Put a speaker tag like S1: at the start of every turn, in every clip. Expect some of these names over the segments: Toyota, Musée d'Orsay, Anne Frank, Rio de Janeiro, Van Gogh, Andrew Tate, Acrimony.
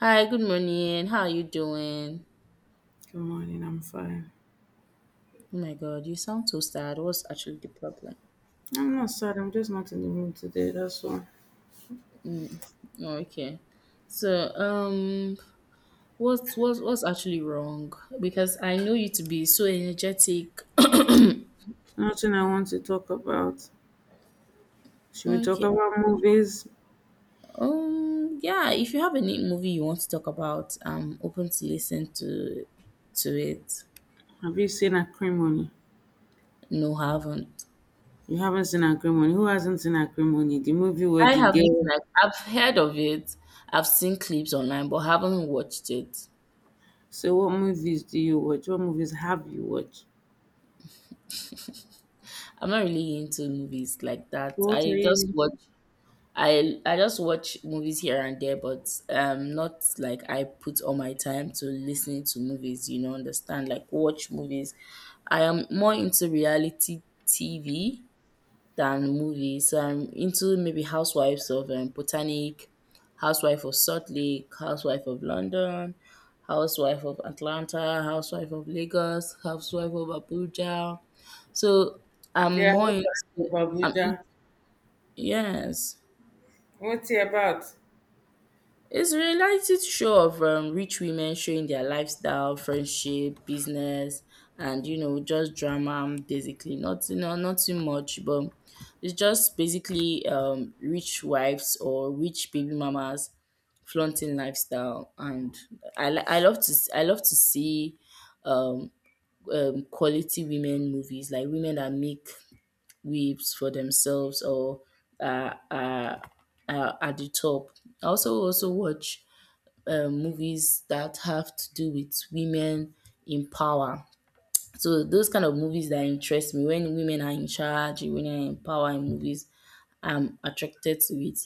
S1: Hi, good morning. How are you doing?
S2: Good morning, I'm fine.
S1: Oh my god, you sound so sad. What's actually the problem?
S2: I'm not sad, I'm just not in the mood today, that's all.
S1: Oh, okay. So, what's actually wrong? Because I know you to be so energetic.
S2: Nothing I want to talk about. Should we talk
S1: Okay.
S2: about movies?
S1: Yeah, if you have any movie you want to talk about, I'm open to listen to it.
S2: Have you seen Acrimony?
S1: No, haven't.
S2: You haven't seen Acrimony. Who hasn't seen Acrimony? The movie where
S1: I
S2: the
S1: haven't
S2: girl.
S1: like I've heard of it. I've seen clips online, but haven't watched it.
S2: So, what movies do you watch? What movies have you watched?
S1: I'm not really into movies like that.
S2: So, what are
S1: I
S2: you
S1: just watch
S2: into?
S1: I I just watch movies here and there, but not like I put all my time to listening to movies, understand, like, watch movies. I am more into reality TV than movies. So I'm into maybe Housewives of Botanic, Housewife of Salt Lake, Housewife of London, Housewife of Atlanta, Housewife of Lagos, Housewife of Abuja. So I'm
S2: Yeah, I
S1: more
S2: also
S1: into,
S2: about
S1: I'm in,
S2: Abuja.
S1: yes.
S2: What's it about?
S1: It's a reality show of rich women showing their lifestyle, friendship, business, and just drama basically. Not you no, nothing much, but it's just basically rich wives or rich baby mamas flaunting lifestyle. And I love to see um, quality women movies, like women that make weaves for themselves or are are are at the top. I also watch movies that have to do with women in power. So those kind of movies that interest me, when women are in charge, when women are in power in movies, I'm attracted to it.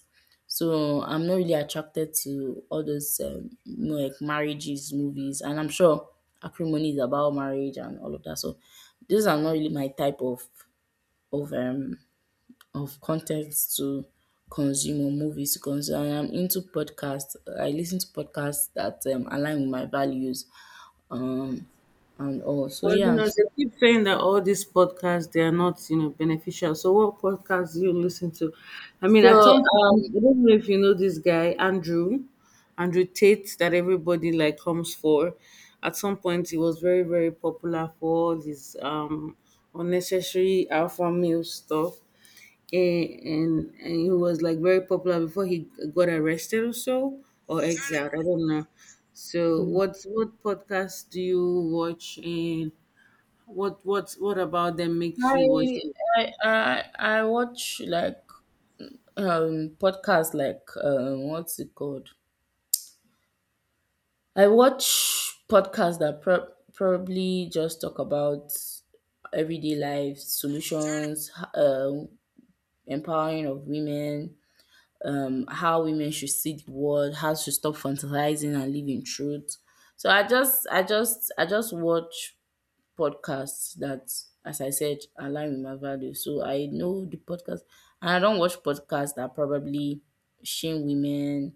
S1: So I'm not really attracted to all those like marriages, movies, and I'm sure acrimony is about marriage and all of that. So those are not really my type of um of content to consume or movies to consume. I am into podcasts. I listen to podcasts that align with my values um, and all. So
S2: Well,
S1: yeah.
S2: they keep saying that all these podcasts they are not, beneficial. So what podcasts do you listen to? I mean,
S1: So
S2: at some point, I don't know if you know this guy, Andrew Tate, that everybody like comes for. At some point he was very, very popular for all his unnecessary alpha male stuff. And he was like very popular before he got arrested or so or exiled. I don't know. So what podcast do you watch and what about them makes you watch
S1: I,
S2: it?
S1: I watch, like, podcasts, like, what's it called? I watch podcasts that probably just talk about everyday life solutions, empowering of women, how women should see the world, how to stop fantasizing and live in truth. So I just watch podcasts that, as I said, align with my values. So I know the podcast, and I don't watch podcasts that probably shame women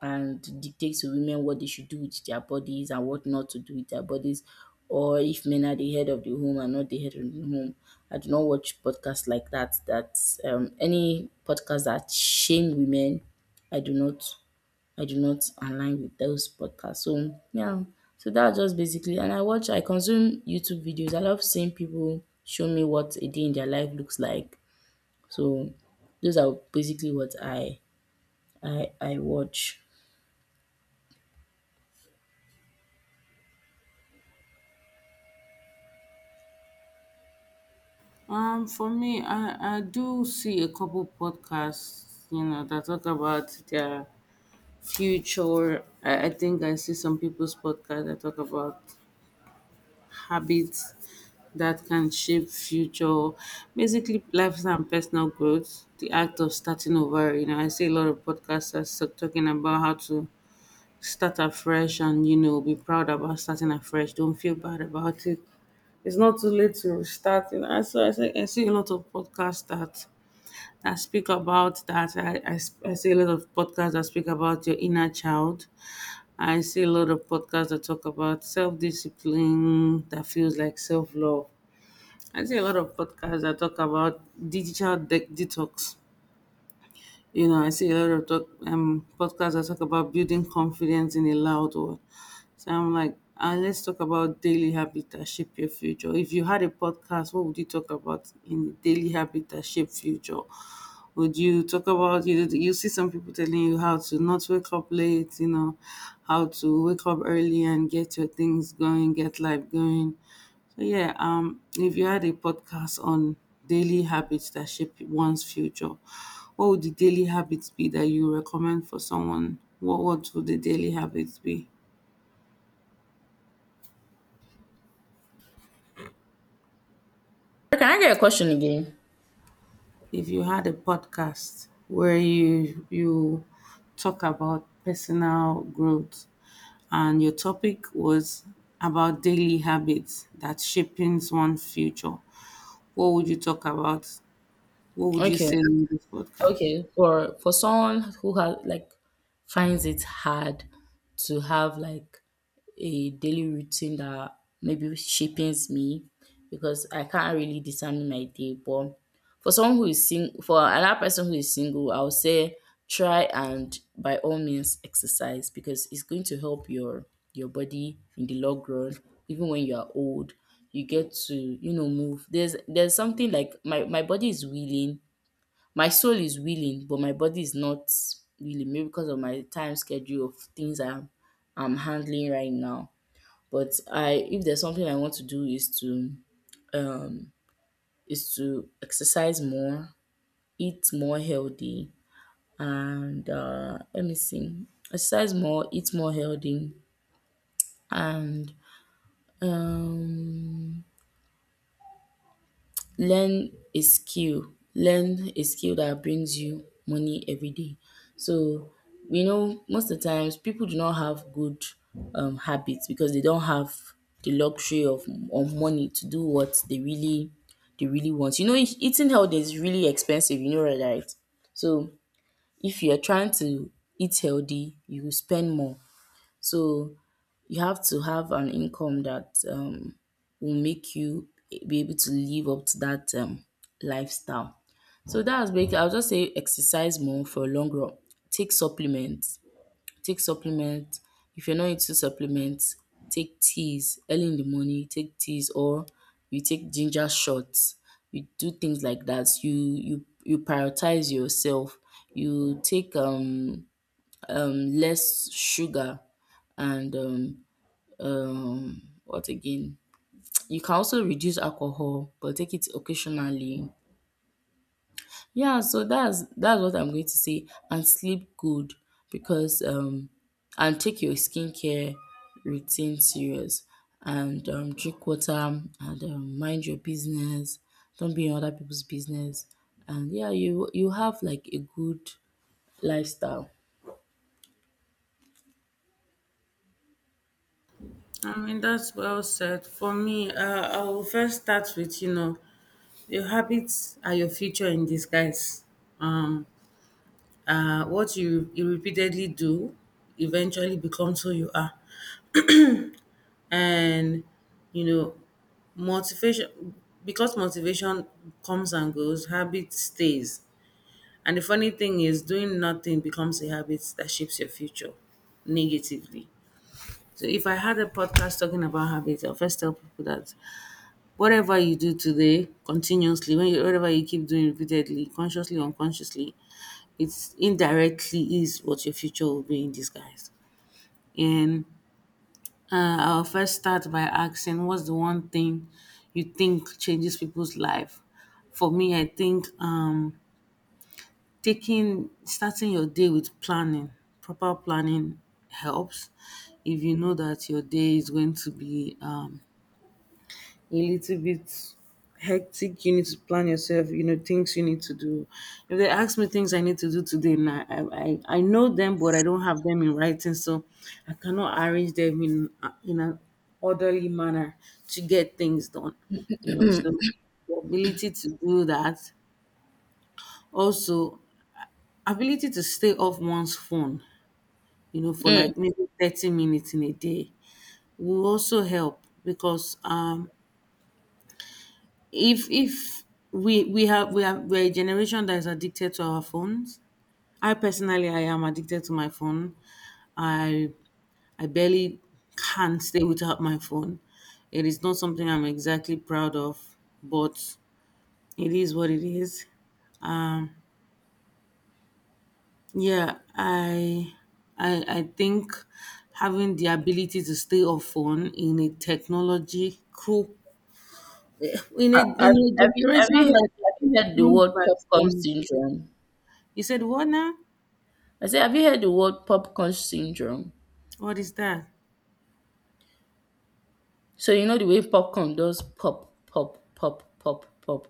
S1: and dictate to women what they should do with their bodies and what not to do with their bodies, or if men are the head of the home and not the head of the home. I do not watch podcasts like that. That any podcast that shame women, I do not I do not align with those podcasts. So yeah, so that's just basically. And I consume YouTube videos. I love seeing people show me what a day in their life looks like. So those are basically what I watch.
S2: For me, I do see a couple podcasts, that talk about their future. I think I see some people's podcast that talk about habits that can shape future, basically lifestyle and personal growth. The act of starting over, I see a lot of podcasters talking about how to start afresh, and be proud about starting afresh. Don't feel bad about it. It's not too late to restart. I see a lot of podcasts that speak about that. I see a lot of podcasts that speak about your inner child. I see a lot of podcasts that talk about self-discipline that feels like self-love. I see a lot of podcasts that talk about digital detox. I see a lot of talk, podcasts that talk about building confidence in a loud world. So I'm like, let's talk about daily habits that shape your future. If you had a podcast, what would you talk about in daily habits that shape future? Would you talk about you? You see some people telling you how to not wake up late. How to wake up early and get your things going, get life going. So yeah, if you had a podcast on daily habits that shape one's future, what would the daily habits be that you recommend for someone? What would the daily habits be?
S1: Okay, can I get a question again?
S2: If you had a podcast where you talk about personal growth and your topic was about daily habits that shaping one's future, what would you talk about? What would you
S1: Okay.
S2: say on this podcast?
S1: Okay, for someone who has, like, finds it hard to have, like, a daily routine that maybe shapings me, because I can't really determine my day. But for someone who is sing for another person who is single, I would say try and by all means exercise, because it's going to help your body in the long run. Even when you are old, you get to move. There's something, like, my body is willing, my soul is willing, but my body is not willing, maybe because of my time schedule of things I'm handling right now. But I if there's something I want to do is to exercise more, eat more healthy, and let me see, exercise more, eat more healthy, and um learn a skill that brings you money every day. So we know most of the times people do not have good habits, because they don't have the luxury of money to do what they really want. Eating healthy is really expensive. Right, right. So if you're trying to eat healthy, you will spend more. So you have to have an income that will make you be able to live up to that lifestyle. So that's basically, I'll just say exercise more for a long run. Take supplements. Take supplements. If you're not into supplements, take teas early in the morning. Take teas, or you take ginger shots. You do things like that. You prioritize yourself. You take less sugar, and what again, you can also reduce alcohol, but take it occasionally. Yeah, so that's what I'm going to say. And sleep good, because and take your skincare routine serious. And drink water, and mind your business. Don't be in other people's business. And, yeah, you have, like, a good lifestyle.
S2: I mean, that's well said. For me, I will first start with, your habits are your future in disguise. Um, what you repeatedly do eventually becomes who you are. And, you know, motivation, because motivation comes and goes, habit stays. And the funny thing is, doing nothing becomes a habit that shapes your future negatively. So if I had a podcast talking about habits, I'll first tell people that whatever you do today continuously, when you whatever you keep doing repeatedly, consciously, unconsciously, it's indirectly is what your future will be in disguise. And I'll first start by asking what's the one thing you think changes people's life? For me, I think taking starting your day with planning, proper planning helps. If you know that your day is going to be a little bit hectic. You need to plan yourself. You know things you need to do. If they ask me things I need to do today, now I know them, but I don't have them in writing, so I cannot arrange them in an orderly manner to get things done. You know, so the ability to do that. Also, ability to stay off one's phone. You know, for
S1: Mm.
S2: like maybe 30 minutes in a day will also help because if we're a generation that is addicted to our phones. I personally i am addicted to my phone. I i barely can't stay without my phone. It is not something I'm exactly proud of, but it is what it is. um yeah, I think having the ability to stay off phone in a technology crew eh, in a
S1: have,
S2: in
S1: have,
S2: a
S1: have
S2: generation
S1: you
S2: that
S1: heard
S2: is
S1: have you heard the
S2: groomed
S1: word
S2: by
S1: popcorn
S2: phones.
S1: syndrome?
S2: You said what now?
S1: I say, have you heard the word popcorn syndrome?
S2: What is that?
S1: So you know the way popcorn does pop, pop, pop, pop, pop.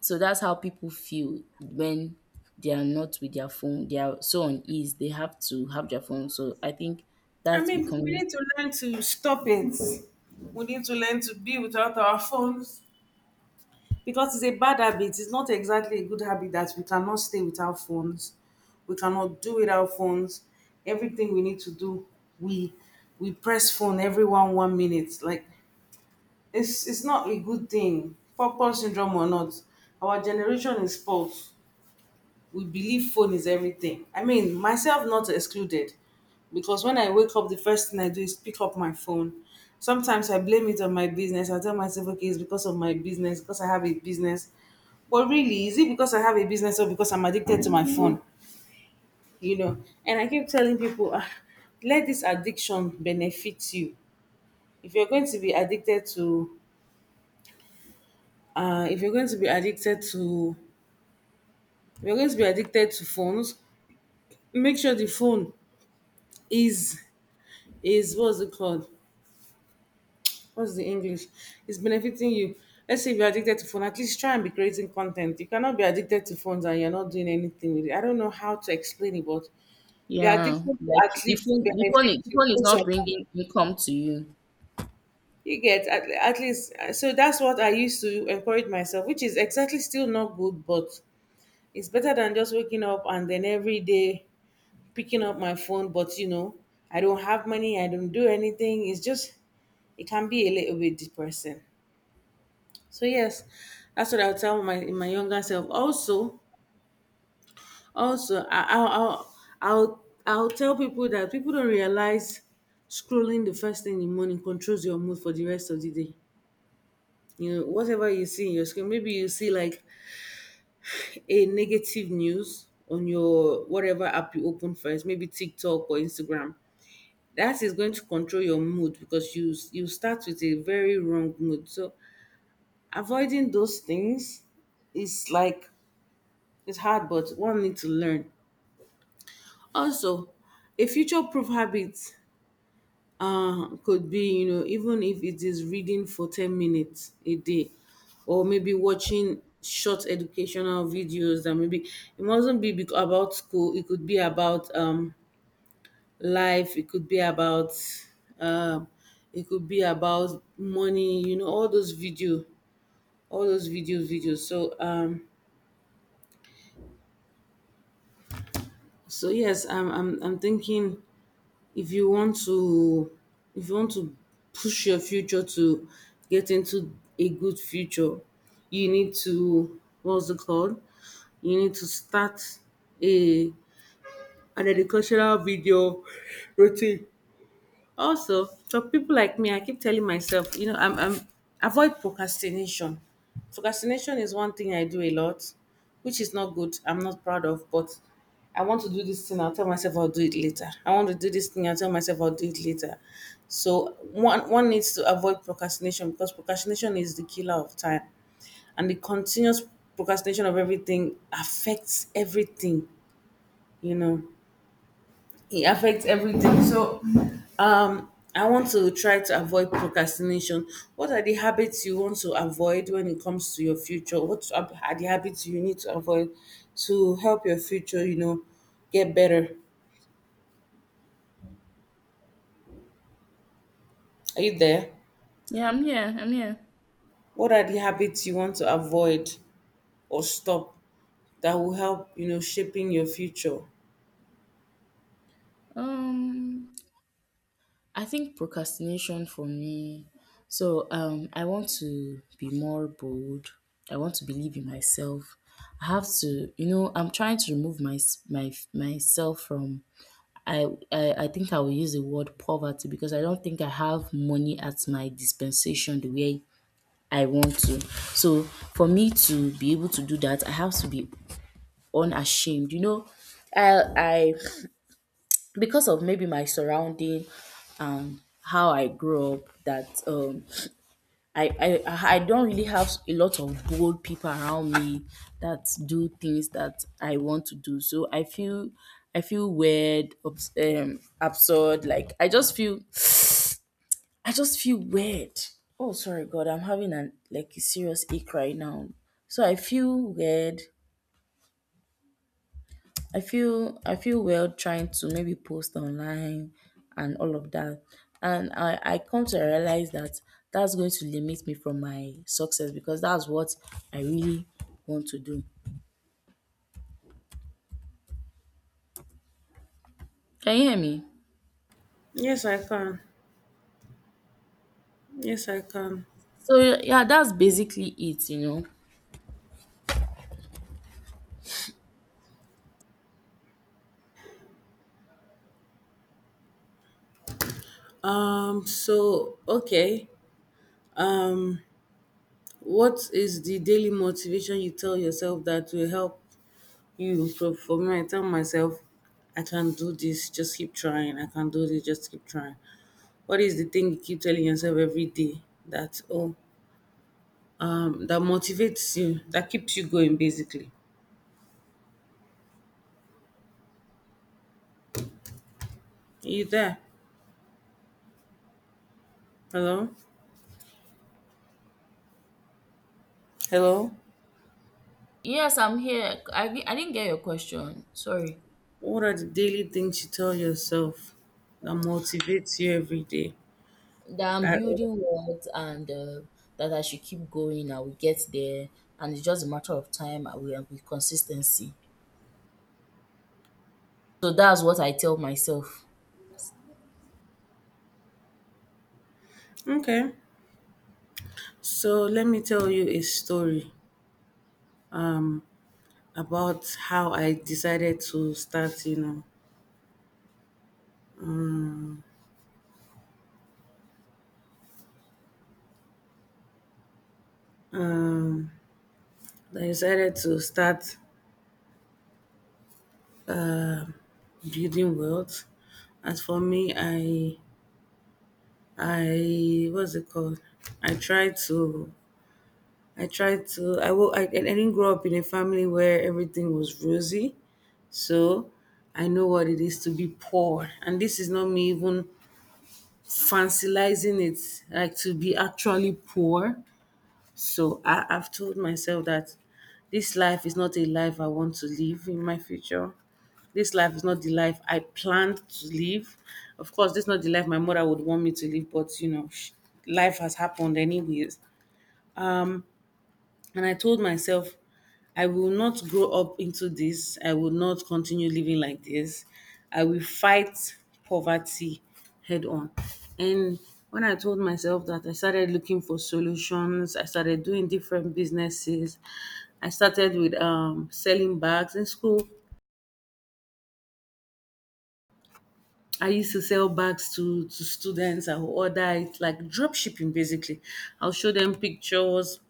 S1: So that's how people feel when they are not with their phone. They are so on ease. They have to have their phone. So I think
S2: I
S1: that's
S2: mean, we
S1: becoming.
S2: need to learn to stop it. We need to learn to be without our phones because it's a bad habit. It's not exactly a good habit that we cannot stay without phones. We cannot do without phones. Everything we need to do, we we press phone every one minute. Like it's not a good thing. Purpose syndrome or not, our generation is spoiled. We believe phone is everything. I mean, myself not excluded, because when I wake up, the first thing I do is pick up my phone. Sometimes I blame it on my business. I tell myself, okay, it's because of my business, because I have a business. But really, is it because I have a business or because I'm addicted to my phone? You know, and I keep telling people, "Ah, let this addiction benefit you. If you're going to be addicted to, if you're going to be addicted to, if you're going to be addicted to phones, make sure the phone is what's it called? What's the English? It's benefiting you. Let's say if you're addicted to phone, at least try and be creating content. You cannot be addicted to phones and you're not doing anything with it. I don't know how to explain it, but your
S1: Yeah,
S2: addiction to
S1: like,
S2: at least benefit
S1: the
S2: you
S1: phone is
S2: in some
S1: not
S2: way.
S1: bringing income to you.
S2: You get at least, so that's what I used to encourage myself, which is exactly still not good, but it's better than just waking up and then every day picking up my phone. But I don't have money, I don't do anything. It's just it can be a little bit depressing. So yes, that's what I'll tell my younger self. Also, I, I'll tell people that people don't realize scrolling the first thing in the morning controls your mood for the rest of the day. Whatever you see in your screen, maybe you see like a negative news on your whatever app you open first, maybe TikTok or Instagram. That is going to control your mood because you start with a very wrong mood. So avoiding those things is like, it's hard, but one needs to learn. Also, a future-proof habit could be, even if it is reading for 10 minutes a day, or maybe watching short educational videos that maybe it mustn't be about school. It could be about life. It could be about um, money. All those videos. So, so yes, I'm thinking if you want to if you want to push your future to get into a good future, you need to what's it called? You need to start a an agricultural video routine. Also, for people like me, I keep telling myself, I'm avoid procrastination. Procrastination is one thing I do a lot, which is not good. I'm not proud of, but I want to do this thing. I'll tell myself I'll do it later. I want to do this thing. I'll tell myself I'll do it later. So one needs to avoid procrastination because procrastination is the killer of time, and the continuous procrastination of everything affects everything. You know it affects everything. So, I want to try to avoid procrastination. What are the habits you want to avoid when it comes to your future? What are the habits you need to avoid to help your future, get better? Are you there?
S1: Yeah, I'm here. I'm here.
S2: What are the habits you want to avoid or stop that will help, shaping your future?
S1: Um, I think procrastination for me, so I want to be more bold. I want to believe in myself. I have to, I'm trying to remove my myself from. I think I will use the word poverty, because I don't think I have money at my dispensation the way I want to. So for me to be able to do that, I have to be unashamed. I because of maybe my surrounding, how I grew up, that I don't really have a lot of bold people around me that do things that I want to do. So I feel weird, absurd. Like, I just feel weird. Oh, sorry God, I'm having an, like, a serious ache right now. So I feel weird. I feel well trying to maybe post online and all of that. And I come to realize that that's going to limit me from my success, because that's what I really want to do. Can you hear me?
S2: Yes, I can. Yes, I can.
S1: So, yeah, that's basically it.
S2: So okay. What is the daily motivation you tell yourself that will help you. So for me, I tell myself, I can do this, just keep trying. I can do this, just keep trying. What is the thing you keep telling yourself every day that, oh, that motivates you, that keeps you going, basically? Are you there? Hello? Hello?
S1: Yes, I'm here. I didn't get your question. Sorry.
S2: What are the daily things you tell yourself that motivates you every day?
S1: That I'm
S2: That,
S1: building wealth, and that I should keep going. I will get there, and it's just a matter of time and and with consistency. So that's what I tell myself.
S2: okay. So let me tell you a story about how I decided to start. I decided to start building wealth. As for me, I what's it called? I tried to I tried to I will I didn't grow up in a family where everything was rosy, so I know what it is to be poor. And this is not me even fancilizing it, like to be actually poor. So I've told myself that this life is not a life I want to live in my future. This life is not the life I planned to live. Of course, this is not the life my mother would want me to live, but life has happened anyways. And I told myself, I will not grow up into this. I will not continue living like this. I will fight poverty head on. And when I told myself that, I started looking for solutions. I started doing different businesses. I started with selling bags in school. I used to sell bags to students. I would order it like drop shipping basically. I'll show them pictures,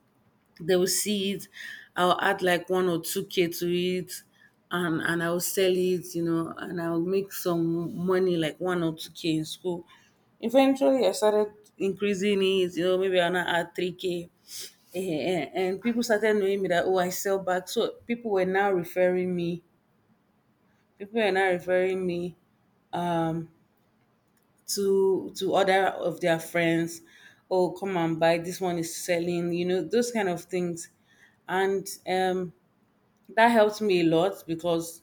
S2: they will see it. I'll add like 1 or 2K to it and I'll sell it, and I'll make some money like 1 or 2K in school. Eventually I started increasing it, maybe I'll now add 3K. And people started knowing me that, oh, I sell bags. So people were now referring me. People were now referring me, Um, to other of their friends. Oh, come and buy, this one is selling, those kind of things. And that helped me a lot because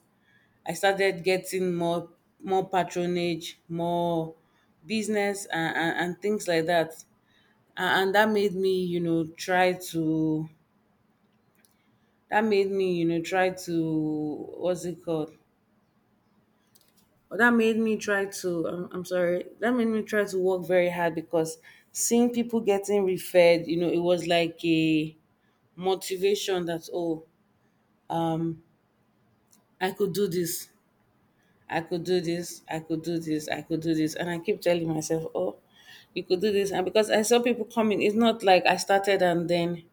S2: I started getting more patronage, more business, and things like that. And that made me you know try to what's it called that made me try to I'm sorry that made me try to work very hard because seeing people getting referred, it was like a motivation that, oh, um I could do this. I could do this, I could do this, I could do this. And I keep telling myself, oh, you could do this, and because I saw people coming, it's not like I started and then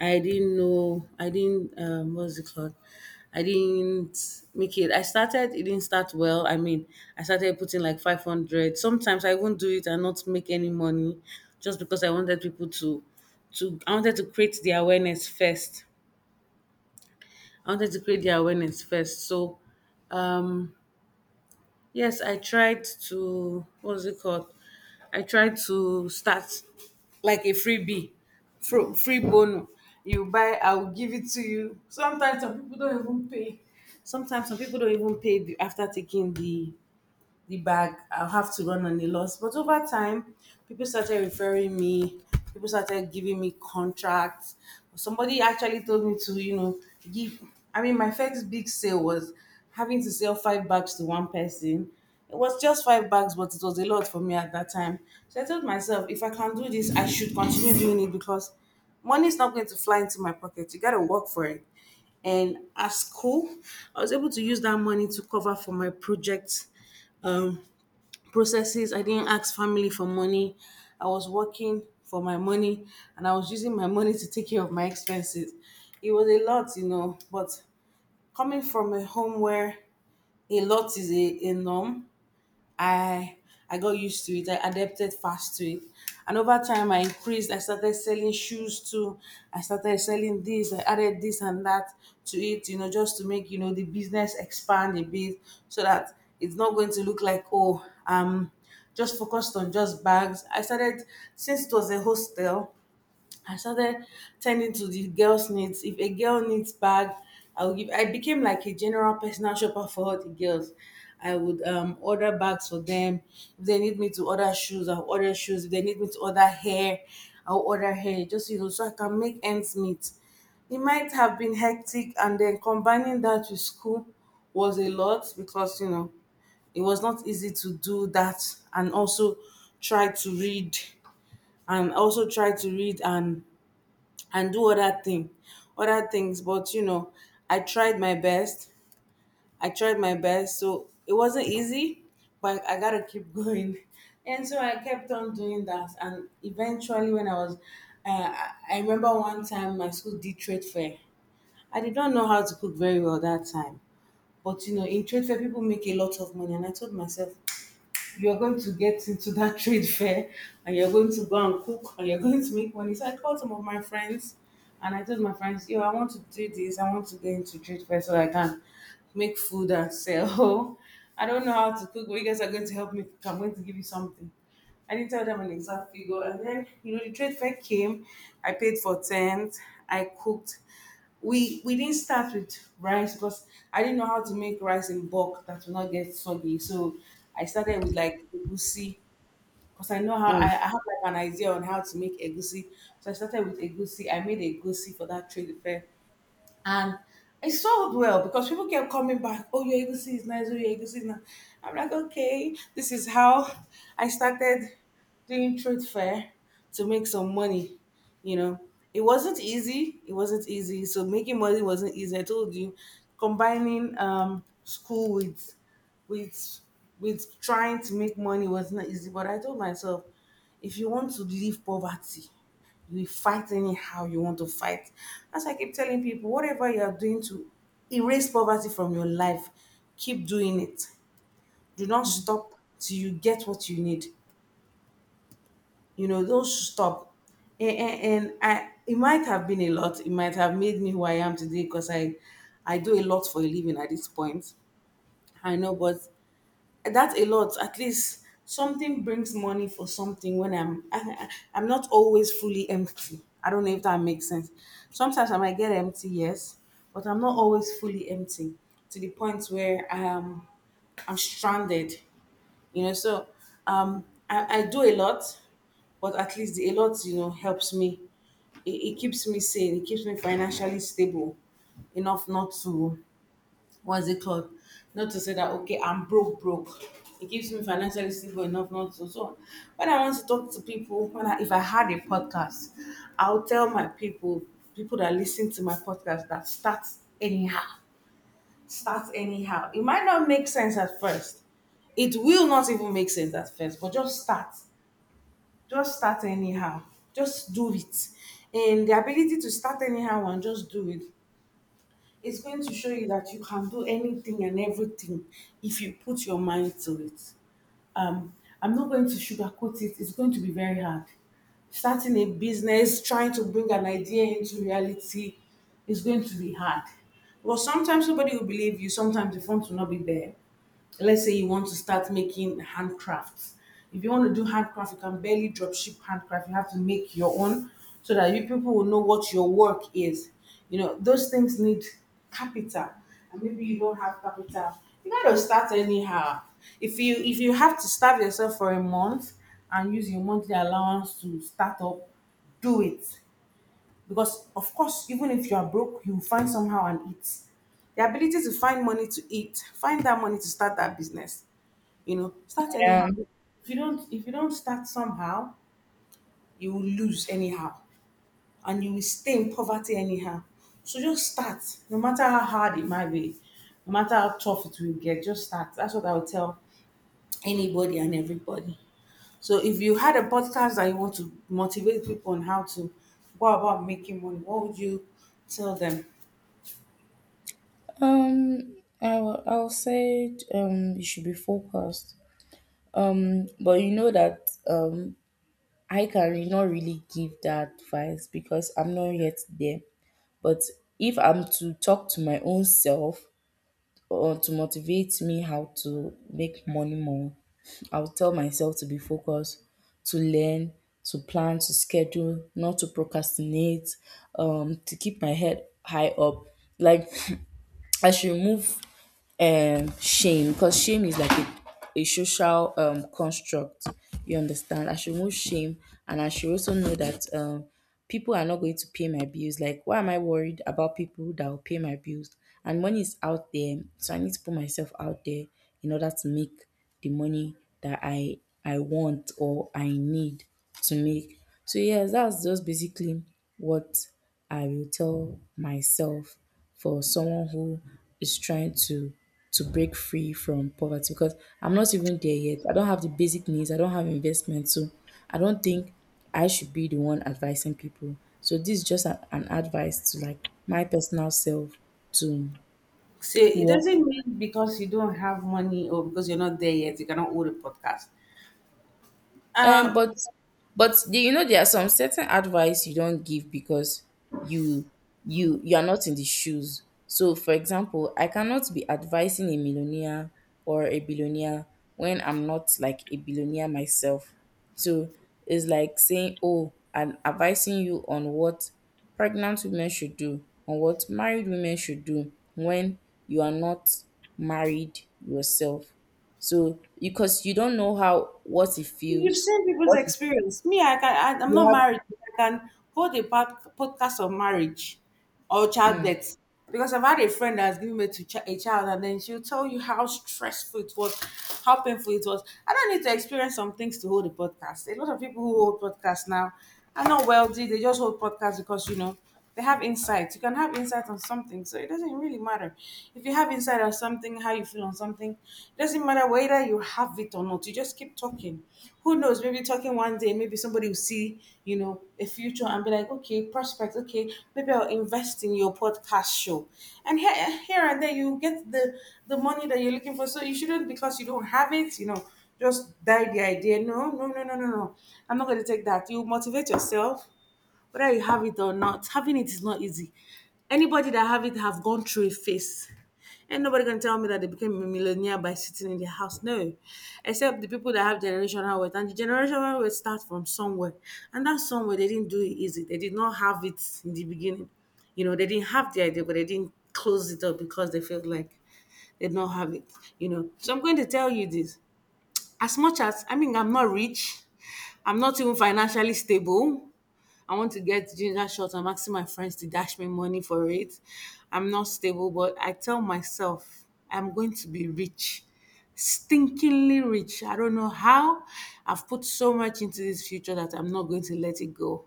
S2: I didn't know. I didn't. What's it called? I didn't make it. I started. It didn't start well. I mean, I started putting like 500. Sometimes I won't do it and not make any money, just because I wanted people to, to. I wanted to create the awareness first. I wanted to create the awareness first. So, um, yes, I tried to start like a freebie, free bonus. You buy, I'll give it to you. Sometimes some people don't even pay. Sometimes some people don't even pay after taking the bag. I'll have to run on a loss. But over time, people started referring me. People started giving me contracts. Somebody actually told me to give. I mean, my first big sale was having to sell five bags to one person. It was just five bags, but it was a lot for me at that time. So I told myself, if I can do this, I should continue doing it, because money is not going to fly into my pocket. You got to work for it. And at school, I was able to use that money to cover for my project um, processes. I didn't ask family for money. I was working for my money and I was using my money to take care of my expenses. It was a lot, but coming from a home where a lot is a norm, I I got used to it. I adapted fast to it. And over time I increased. I started selling shoes too. I started selling this. I added this and that to it, just to make the business expand a bit so that it's not going to look like, oh, just focused on just bags. I started Since it was a hostel, I started tending to the girls' needs. If a girl needs bag, I would give. I became like a general personal shopper for all the girls. I would order bags for them. If they need me to order shoes, I'll order shoes. If they need me to order hair, I'll order hair. Just, so I can make ends meet. It might have been hectic, and then combining that with school was a lot because it was not easy to do that, and also try to read try to read and do other things. But I tried my best. I tried my best, so it wasn't easy, but I gotta keep going. And so I kept on doing that, and eventually when I was I remember one time my school did trade fair. I did not know how to cook very well that time, but in trade fair people make a lot of money, and I told myself, you're going to get into that trade fair, and you're going to go and cook, and you're going to make money. So I called some of my friends and I told my friends, yo, I want to do this. I want to get into trade fair so I can make food and sell. I don't know how to cook, but you guys are going to help me cook. I'm going to give you something. I didn't tell them an exact figure. And then, the trade fair came. I paid for tent. I cooked. We didn't start with rice because I didn't know how to make rice in bulk that will not get soggy. So I started with like egusi, because I know how I have like an idea on how to make egusi. So I started with egusi. I made egusi for that trade fair. And I sold well because people kept coming back. Oh, your Egusi is nice. Oh, your Egusi is nice. I'm like, okay, this is how I started doing trade fair to make some money. You know, it wasn't easy. It wasn't easy. So making money wasn't easy. I told you, combining school with with trying to make money was not easy, but I told myself, if you want to leave poverty, you will fight anyhow you want to fight. As I keep telling people, whatever you are doing to erase poverty from your life, keep doing it. Do not stop till you get what you need. Don't stop. And it might have been a lot. It might have made me who I am today, because I do a lot for a living at this point. I know, but that's a lot. At least something brings money for something. When I'm I- I'm not always fully empty. I don't know if that makes sense. Sometimes I might get empty, yes, but I'm not always fully empty to the point where I'm stranded. So I do a lot, but at least the a lot helps me. It keeps me sane. It keeps me financially stable enough not to. What's it called? Not to say that, okay, I'm broke, broke. It keeps me financially stable enough not to. So when I want to talk to people, if I had a podcast, I'll tell my people, people that listen to my podcast, that start anyhow. Start anyhow. It might not make sense at first. It will not even make sense at first, but just start. Just start anyhow. Just do it. And the ability to start anyhow and just do it. It's going to show you that you can do anything and everything if you put your mind to it. Um, I'm not going to sugarcoat it. It's going to be very hard. Starting a business, trying to bring an idea into reality, is going to be hard. Well, sometimes somebody will believe you, sometimes the font will not be there. Let's say you want to start making handcrafts. If you want to do handcraft, you can barely drop ship handcraft. You have to make your own so that you people will know what your work is. Those things need capital. And maybe you don't have capital. You gotta start anyhow. If you have to starve yourself for a month and use your monthly allowance to start up, do it. Because of course, even if you are broke, you will find somehow and eat. The ability to find money to eat, find that money to start that business. Start anyhow.
S1: Yeah.
S2: If you don't start somehow, you will lose anyhow, and you will stay in poverty anyhow. So just start, no matter how hard it might be, no matter how tough it will get. Just start. That's what I would tell anybody and everybody. So if you had a podcast that you want to motivate people on how to go about making money, what would you tell them?
S1: I'll say you should be focused, but you know that I can not really give that advice, because I'm not yet there. But if I'm to talk to my own self, or to motivate me how to make money more, I'll tell myself to be focused, to learn, to plan, to schedule, not to procrastinate, to keep my head high up. Like, I should remove shame, because shame is like a social construct. You understand? I should remove shame, and I should also know that people are not going to pay my bills. Like, why am I worried about people that will pay my bills? And money is out there. So I need to put myself out there in order to make the money that I want, or I need to make. So yes, that's just basically what I will tell myself for someone who is trying to break free from poverty, because I'm not even there yet. I don't have the basic needs. I don't have investment, so I don't think I should be the one advising people. So this is just an advice to, like, my personal self to
S2: So it
S1: work.
S2: doesn't mean because you don't have money or because you're not there yet, you cannot hold a podcast.
S1: Um,
S2: Um,
S1: but but you know there are some certain advice you don't give, because you you are not in the shoes. So for example, I cannot be advising a millionaire or a billionaire when I'm not like a billionaire myself. So it's like saying, oh, I'm advising you on what pregnant women should do, on what married women should do when you are not married yourself. So, because you don't know how what it
S2: you've
S1: feels,
S2: seen people's
S1: what it,
S2: experience. Me, I can. I'm not
S1: you
S2: married, but I can hold a podcast of marriage or
S1: have. Mm.
S2: childbirth, because I've had a friend that has given birth to a child, and then she'll tell you how stressful it was, how painful it was. I don't need to experience some things to hold a podcast. A lot of people who hold podcasts now are not wealthy. They just hold podcasts because they have insight. You can have insight on something, so it doesn't really matter. If you have insight on something, how you feel on something, it doesn't matter whether you have it or not. You just keep talking. Who knows? Maybe talking one day, maybe somebody will see, a future, and be like, okay, prospect, okay, maybe I'll invest in your podcast show. And here, here and there, you get the money that you're looking for. So you shouldn't because you don't have it. Just die the idea. No, no, no, no, no, no. I'm not going to take that. You motivate yourself whether you have it or not. Having it is not easy. Anybody that have it have gone through a phase. And nobody can tell me that they became a millionaire by sitting in their house. No. Except the people that have generational wealth. And the generational wealth starts from somewhere. And that somewhere they didn't do it easy. They did not have it in the beginning. They didn't have the idea, but they didn't close it up because they felt like they did not have it. So I'm going to tell you this. As much as I mean I'm not rich, I'm not even financially stable. I want to get ginger shots. I'm asking my friends to dash me money for it. I'm not stable, but I tell myself I'm going to be rich, stinkingly rich. I don't know how. I've put so much into this future that I'm not going to let it go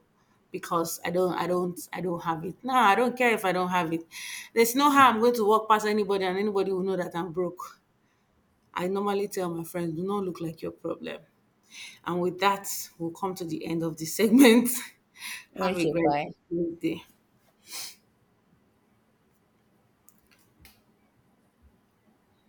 S2: because I don't have it. No, I don't care if I don't have it. There's no how I'm going to walk past anybody and anybody will know that I'm broke. I normally tell my friends, do not look like your problem. And with that, we'll come to the end of the segment. Have a
S1: Okay,
S2: great
S1: bye.
S2: day.